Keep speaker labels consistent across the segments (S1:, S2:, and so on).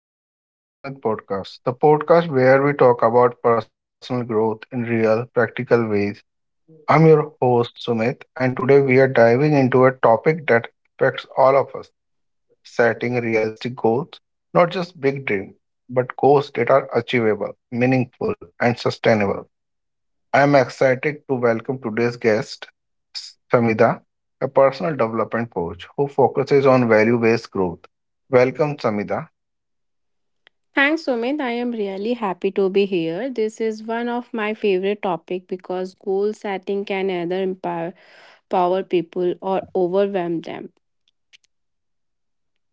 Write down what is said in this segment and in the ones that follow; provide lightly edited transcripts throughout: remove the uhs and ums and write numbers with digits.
S1: Welcome back to Sumit Podcast, the podcast where we talk about personal growth in real, practical ways. I'm your host, Sumit, and today we are diving into a topic that affects all of us: setting realistic goals, not just big dreams, but goals that are achievable, meaningful, and sustainable. I'm excited to welcome today's guest, Samida, a personal development coach who focuses on value based growth. Welcome, Samida.
S2: Thanks, Sumit. I am really happy to be here. This is one of my favorite topic because goal setting can either empower people or overwhelm them.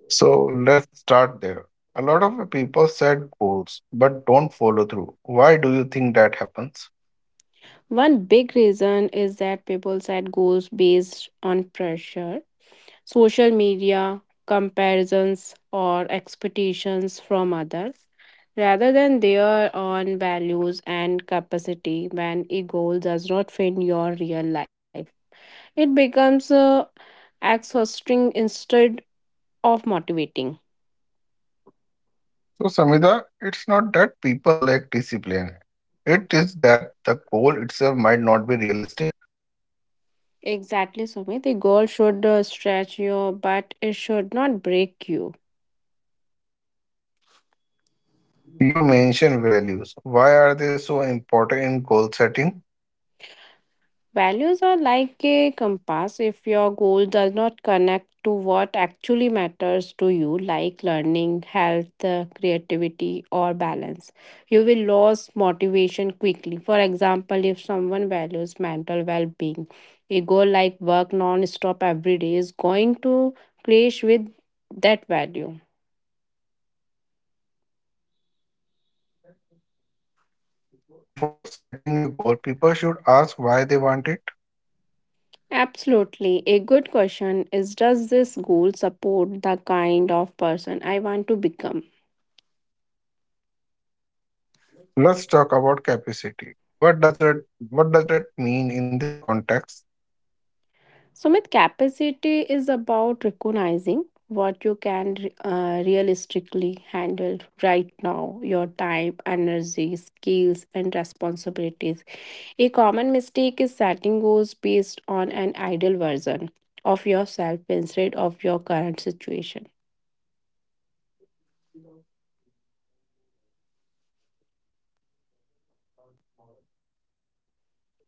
S1: So let's start there. A lot of people set goals but don't follow through. Why do you think that happens?
S2: One big reason is that people set goals based on pressure, social media, comparisons or expectations from others rather than their own values and capacity when a goal does not fit your real life. It becomes exhausting instead of motivating.
S1: So, Samida, it's not that people lack discipline. It is that the goal itself might not be realistic.
S2: Exactly, Sumit. The goal should stretch you, but it should not break you.
S1: You mentioned values. Why are they so important in goal setting?
S2: Values are like a compass. If your goal does not connect to what actually matters to you, like learning, health, creativity, or balance, you will lose motivation quickly. For example, if someone values mental well being, a goal like work non stop every day is going to clash with that value.
S1: So, that makes sense. So, before setting a goal, people should ask why they want it.
S2: Absolutely. A good question is, does this goal support the kind of person I want to become?
S1: Let's talk about capacity. What does that mean in this context?
S2: Sumit, capacity is about recognizing what you can realistically handle right now: your time, energy, skills, and responsibilities. A common mistake is setting goals based on an ideal version of yourself instead of your current situation.
S1: So instead of saying I'll do everything perfectly, it is better to start smaller,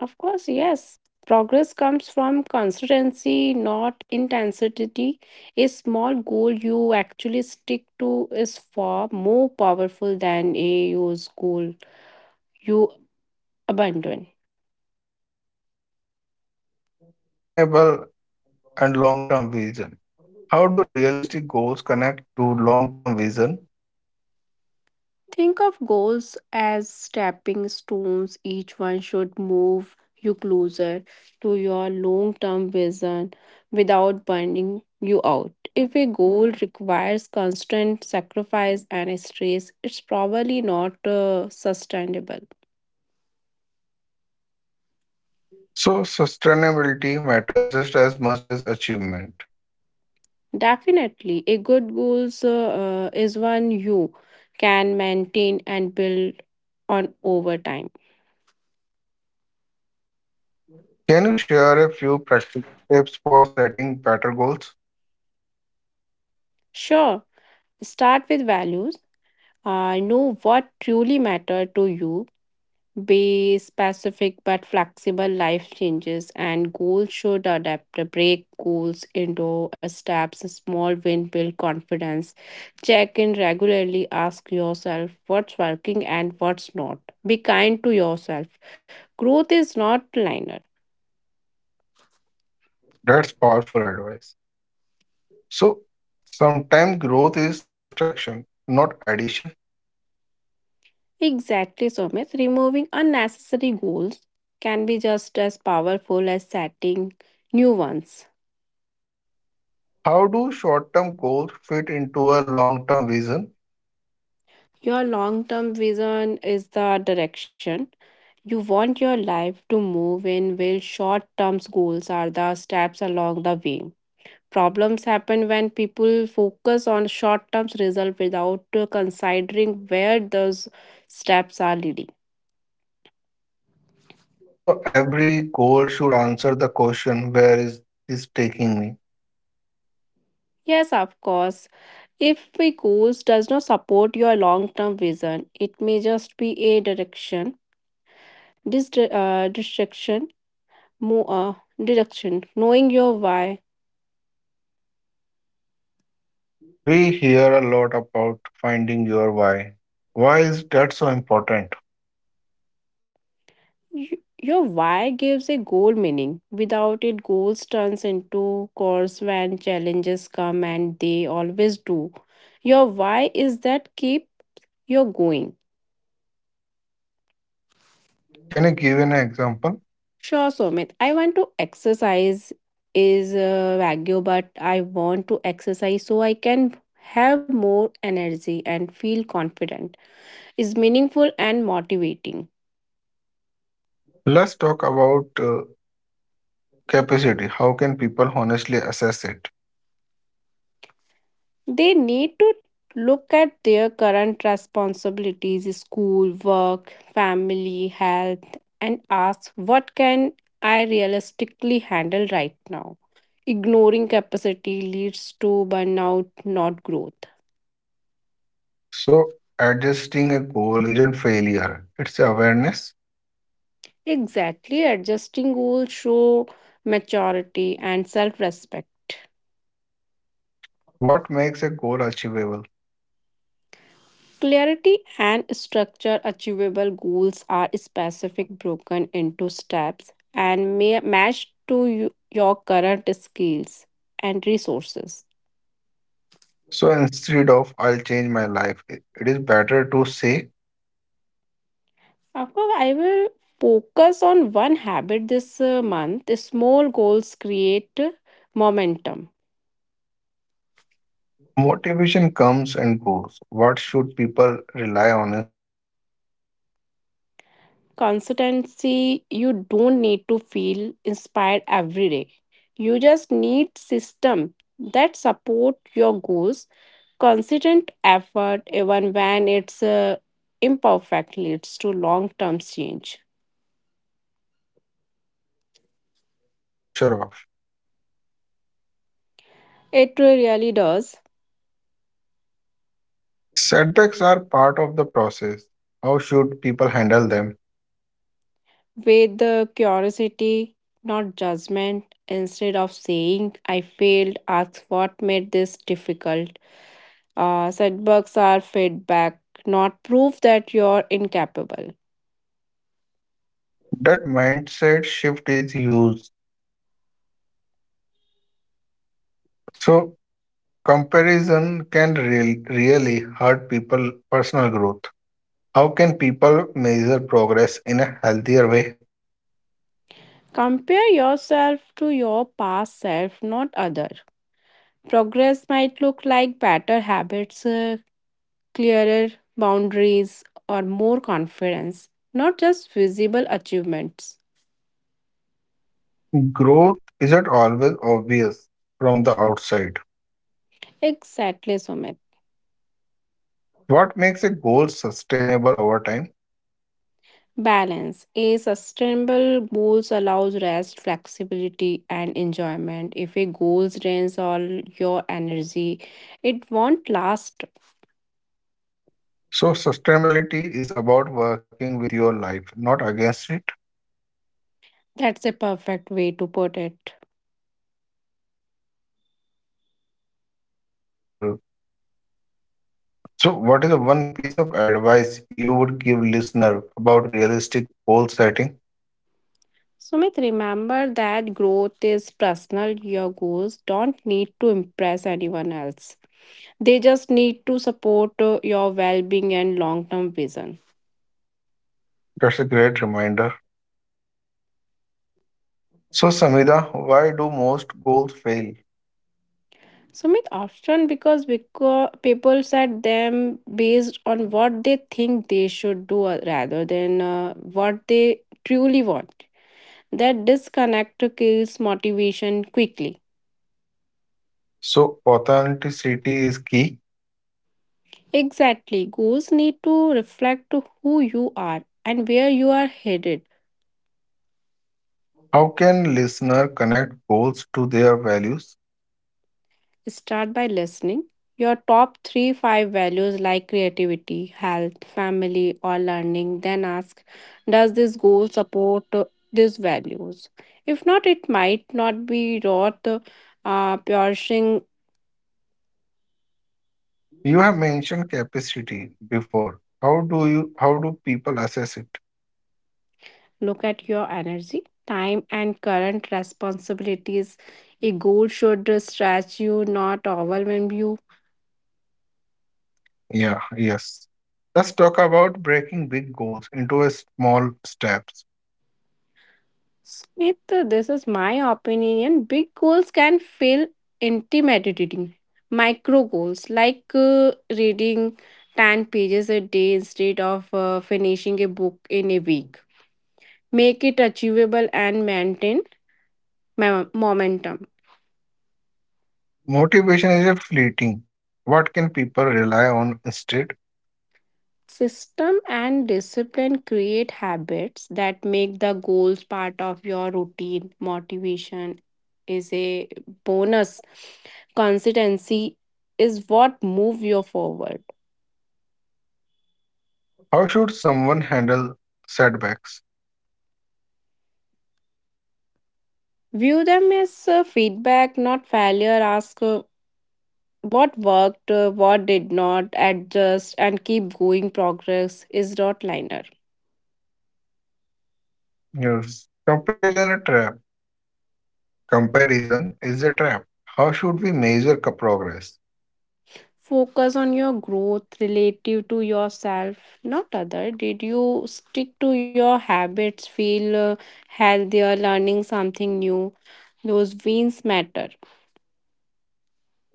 S2: Of course, yes. Progress comes from consistency, not intensity. A small goal you actually stick to is far more powerful than a huge goal you abandon.
S1: sustainable, and long term vision. How do realistic goals connect to long term vision?
S2: Think of goals as stepping stones, each one should move you closer to your long term vision without burning you out. If a goal requires constant sacrifice and stress, it's probably not sustainable.
S1: So sustainability matters just as much as achievement.
S2: Definitely, a good goal is one you can maintain and build on over time.
S1: Can you share a few practical tips for setting better goals?
S2: Sure, start with values, know what truly matter to you. Be specific but flexible. Life changes, and goals should adapt. Break goals into steps. Small win build confidence. Check in regularly. Ask yourself what's working and what's not. Be kind to yourself. Growth is not linear.
S1: That's powerful advice. So sometimes growth is subtraction, not addition.
S2: Exactly, Somit. Removing unnecessary goals can be just as powerful as setting new ones.
S1: How do short term goals fit into a long term vision?
S2: Your long term vision is the direction you want your life to move in, while short term goals are the steps along the way. Problems happen when people focus on short term results without considering where those steps are leading.
S1: So every goal should answer the question, where is this taking me?
S2: Yes, of course. If the goals does not support your long term vision, it may just be a direction. This, distraction, mo- uh, direction. Knowing your why.
S1: We hear a lot about finding your why. Why is that so important?
S2: Y- Your why gives a goal meaning. Without it, goals turns into course when challenges come, and they always do. Your why is that keep you going.
S1: Can you give an example?
S2: Sure, Somit. I want to exercise is vague, but I want to exercise so I can have more energy and feel confident. Is meaningful and motivating.
S1: Let's talk about capacity. How can people honestly assess it?
S2: They need to look at their current responsibilities: school, work, family, health, and ask what can I realistically handle right now? Ignoring capacity leads to burnout, not growth.
S1: So adjusting a goal isn't failure, it's awareness.
S2: Exactly, adjusting goals show maturity and self respect.
S1: What makes a goal achievable?
S2: Clarity and structure achievable goals are specific, broken into steps, and may matched to your current skills and resources.
S1: So instead of I'll change my life, it is better to say.
S2: After I will focus on one habit this month. Small goals create momentum.
S1: Motivation comes and goes. What should people rely on instead?
S2: Consistency, you don't need to feel inspired every day. You just need system that support your goals. Consistent effort, even when it's imperfect, leads to long-term change.
S1: That takes a lot of pressure off.
S2: It really does.
S1: Setbacks are part of the process. How should people handle them?
S2: With the curiosity, not judgment, instead of saying, I failed, ask what made this difficult. Setbacks are feedback, not proof that you're incapable.
S1: That mindset shift is huge. So, comparison can really hurt people' personal growth. How can people measure progress in a healthier way?
S2: Compare yourself to your past self, not other. Progress might look like better habits, clearer boundaries, or more confidence, not just visible achievements.
S1: Growth isn't always obvious from the outside.
S2: Exactly, Sumit.
S1: What makes a goal sustainable over time?
S2: Balance. A sustainable goals allows rest, flexibility, and enjoyment. If a goals drains all your energy, it won't last.
S1: So sustainability is about working with your life, not against it.
S2: That's a perfect way to put it.
S1: So and uh, so, what is the one piece of advice you would give listener about realistic goal setting?
S2: Sumit, remember that growth is personal. Your goals don't need to impress anyone else. They just need to support your well-being and long-term vision.
S1: That's a great reminder. So Samida, why do most goals fail?
S2: Sumit, often because people set them based on what they think they should do, rather than what they truly want. That disconnect kills motivation quickly.
S1: So authenticity is key.
S2: Exactly, goals need to reflect to who you are and where you are headed.
S1: How can listener connect goals to their values?
S2: Start by listening. Your top three, five values like creativity, health, family, or learning. Then ask, does this goal support these values? If not, it might not be worth pursuing.
S1: You have mentioned capacity before. How do you? How do people assess it?
S2: Look at your energy, time, and current responsibilities. A goal should stretch you, not overwhelm you.
S1: Yeah, yes. Let's talk about breaking big goals into a small steps.
S2: Smith, this is my opinion. Big goals can feel intimidating. Micro goals like reading 10 pages a day instead of finishing a book in a week. Make it achievable and maintain momentum.
S1: Motivation is a fleeting. What can people rely on instead?
S2: System and discipline create habits that make the goals part of your routine. Motivation is a bonus. Consistency is what move you forward.
S1: How should someone handle setbacks?
S2: View them as feedback, not failure. Ask, what worked, what did not, adjust, and keep going. Progress is not linear.
S1: Yes. Comparison a trap. Comparison is a trap. How should we measure progress?
S2: Focus on your growth relative to yourself, not other. Did you stick to your habits, feel healthier, learning something new? Those wins matter.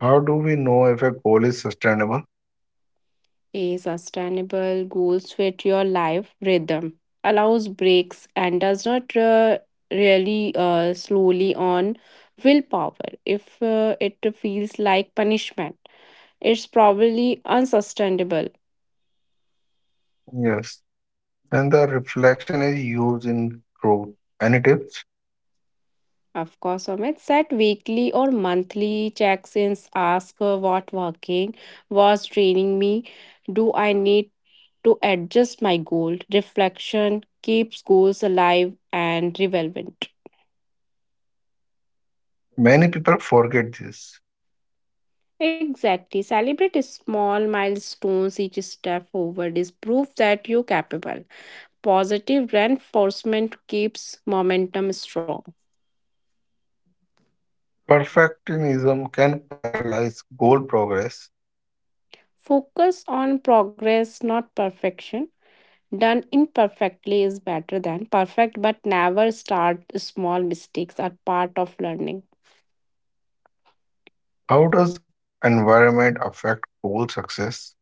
S1: How do we know if a goal is sustainable?
S2: A sustainable goals fit your life rhythm, allows breaks, and does not really slowly on willpower. If it feels like punishment, it's probably unsustainable.
S1: Yes. And the reflection is used in growth. Any tips?
S2: Of course, Amit, set weekly or monthly checks ins, ask, what working was training me. Do I need to adjust my goal? Reflection keeps goals alive and relevant.
S1: Many people forget this.
S2: Exactly. Celebrate small milestones each step forward is proof that you're capable. Positive reinforcement keeps momentum strong.
S1: Perfectionism can paralyze goal progress.
S2: Focus on progress, not perfection. Done imperfectly is better than perfect, but never start small mistakes are part of learning.
S1: How does environment affect goal success?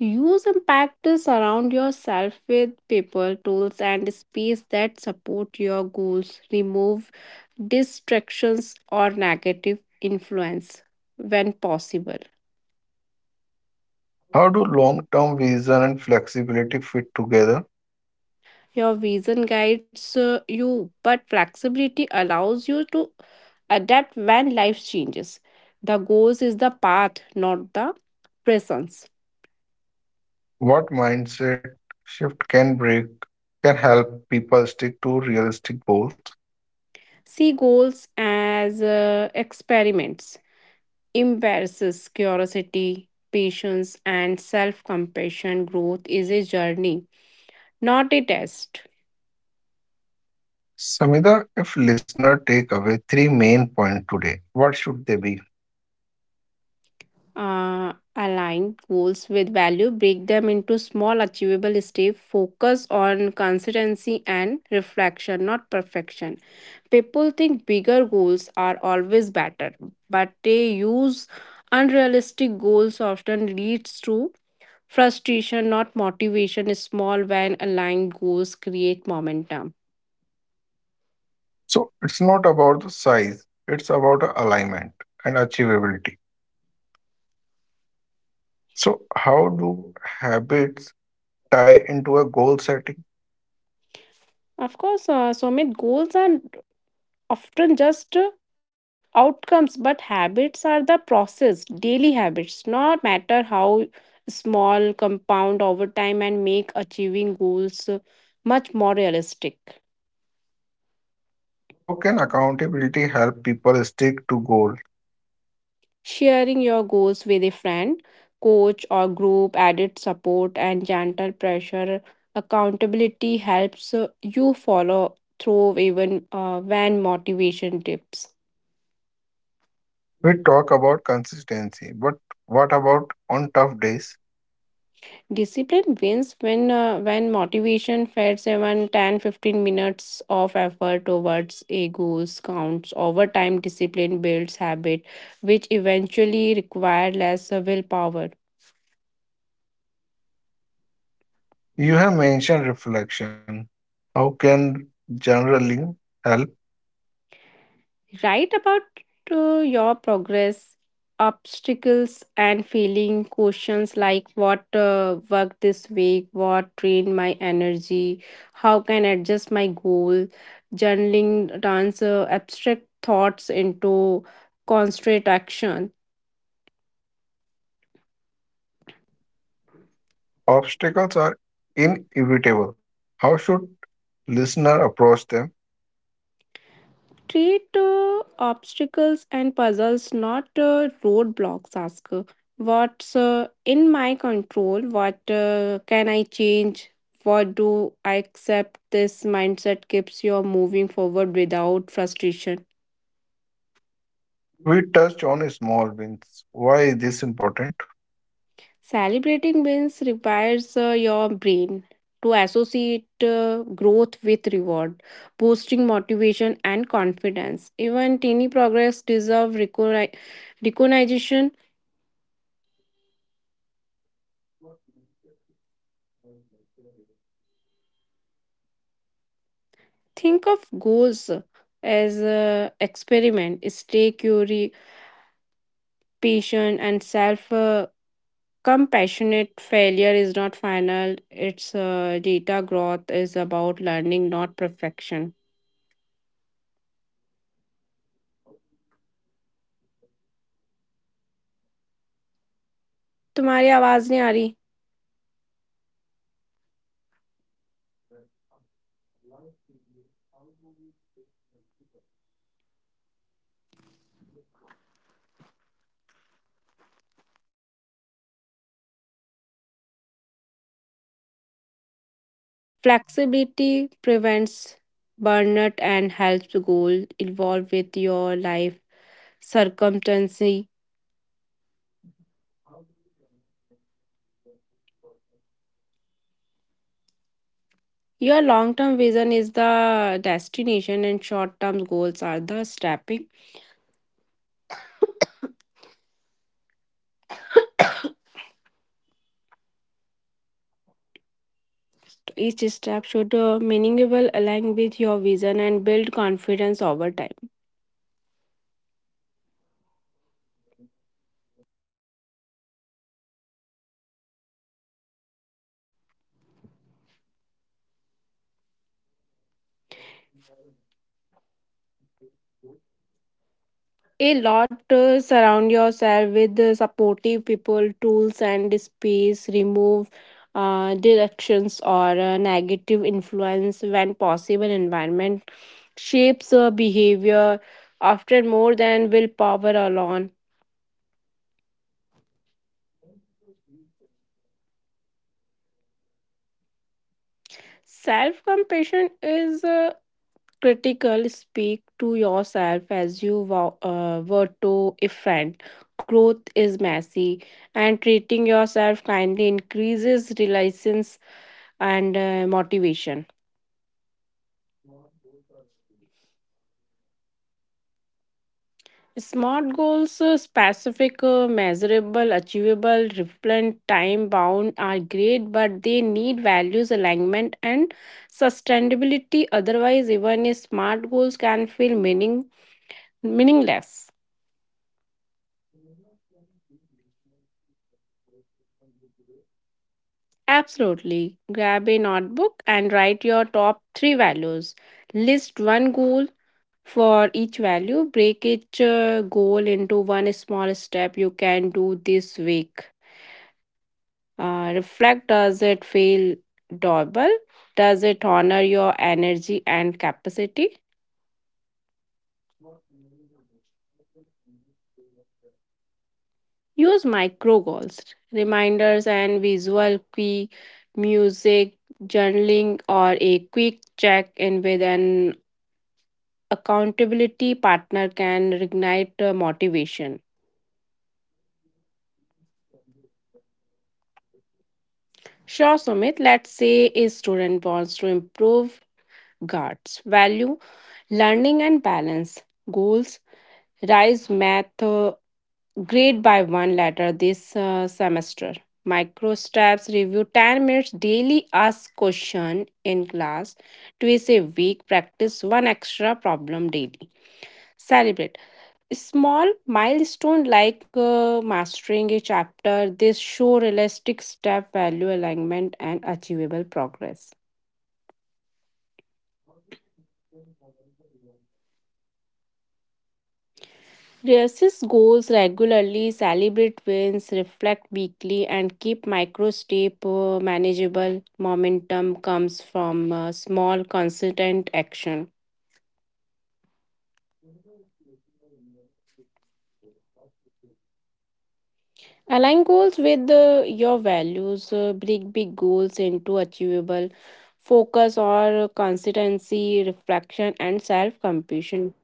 S2: Use and practice surround yourself with people, tools, and space that support your goals. Remove distractions or negative influence when possible.
S1: How do long term vision and flexibility fit together?
S2: Your vision guides you, but flexibility allows you to adapt when life changes. The goals is the path, not the presence.
S1: What mindset shift can help people stick to realistic goals?
S2: See goals as experiments embraces curiosity, patience, and self compassion. Growth is a journey, not a test.
S1: Samida, if listener take away three main points today, what should they be?
S2: Uh, Align goals with value, break them into small, achievable steps, focus on consistency and reflection, not perfection. People think bigger goals are always better, but they use unrealistic goals often leads to frustration not motivation small when aligned goals create momentum.
S1: So it's not about the size, it's about the alignment and achievability. So how do habits tie into a goal setting?
S2: Of course, Sumit, goals are often just outcomes, but habits are the process, daily habits, not matter how small, compound over time and make achieving goals much more realistic.
S1: How can accountability help people stick to goals?
S2: Sharing your goals with a friend, coach, or group, added support and gentle pressure, accountability helps you follow through even when motivation dips.
S1: We talk about consistency, but what about on tough days?
S2: Discipline wins when motivation fades even 10-15 minutes of effort towards a goal counts. Over time, discipline builds habit, which eventually require less willpower.
S1: You have mentioned reflection. How can journaling help?
S2: Write about your progress, obstacles, and feeling questions like what worked this week, what drained my energy, how can I adjust my goal. Journaling turns abstract thoughts into concrete action.
S1: Obstacles are inevitable. How should listener approach them?
S2: Treat obstacles and puzzles not roadblocks. Ask, what's in my control, what can I change, what do I accept. This mindset keeps you moving forward without frustration.
S1: We touched on small wins. Why is this important?
S2: Celebrating wins requires your brain to associate growth with reward, boosting motivation and confidence. Even tiny progress deserve recognition.
S1: What mindset shift help maintain realistic goals?
S2: Think of goals as a experiment. Stay curious, patient, and self compassionate. Failure is not final. It's data growth is about learning, not perfection.
S1: Life changes. How do we stay flexible with goals?
S2: तुम्हारी आवाज नहीं आ रही।
S1: Fra- ho- Life changes. How do we stay flexible with goals?
S3: Flexibility prevents burnout and helps goals evolve with your life circumstances.
S1: How do you balance long term vision with short term step?
S3: Your long-term vision is the destination and short-term goals are the stepping. Each step should meaningful align with your vision and build confidence over time.
S1: How much does environment influence goal success? How much does environment influence goal success?
S3: A lot. Surround yourself with the supportive people, tools and space. Remove directions or negative influence when possible. Environment shapes behavior often more than willpower alone.
S1: Many people beat themselves up over setbacks.
S3: Self compassion is critical. Speak to yourself as you were to a friend. Growth is messy and treating yourself kindly increases reliance and motivation.
S1: Smart goals are everywhere. Are they enough?
S3: Smart goals, specific, measurable, achievable, relevant, time bound, are great, but they need values alignment and sustainability. Otherwise even a smart goals can feel meaningless.
S1: Samita, can you give listener a quick exercise they can do today?
S3: Absolutely. Grab a notebook and write your top three values. List one goal for each value. Break each goal into one small step you can do this week. Reflect, does it feel doable? Does it honor your energy and capacity?
S1: What energy is low? How can someone stay on track?
S3: Use micro goals, reminders, and visual key, music, journaling, or a quick check in with an accountability partner can reignite motivation.
S1: Can you give a team friendly example of goal setting?
S3: Sure, Sumit, let's say a student wants to improve guards, value, learning and balance, goals, rise math grade by one letter this semester. Micro steps, review 10 minutes daily, ask question in class, twice a week, practice one extra problem daily. Celebrate small milestone like mastering a chapter. This show realistic step, value alignment and achievable progress.
S1: How do we maintain momentum long term?
S3: Reassess goals regularly, celebrate wins, reflect weekly, and keep micro step manageable. Momentum comes from small, consistent action.
S1: Samita, if listener remember three things today, what should they be?
S3: Align goals with your values, break big goals into achievable focus or consistency, reflection, and self compassion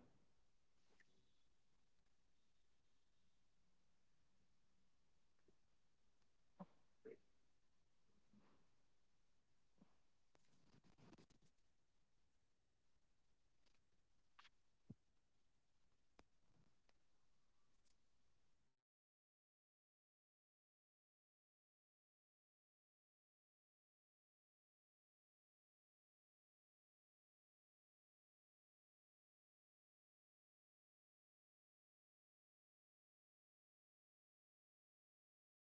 S1: So now what we can do to get to keep ourselves active in our lifestyle?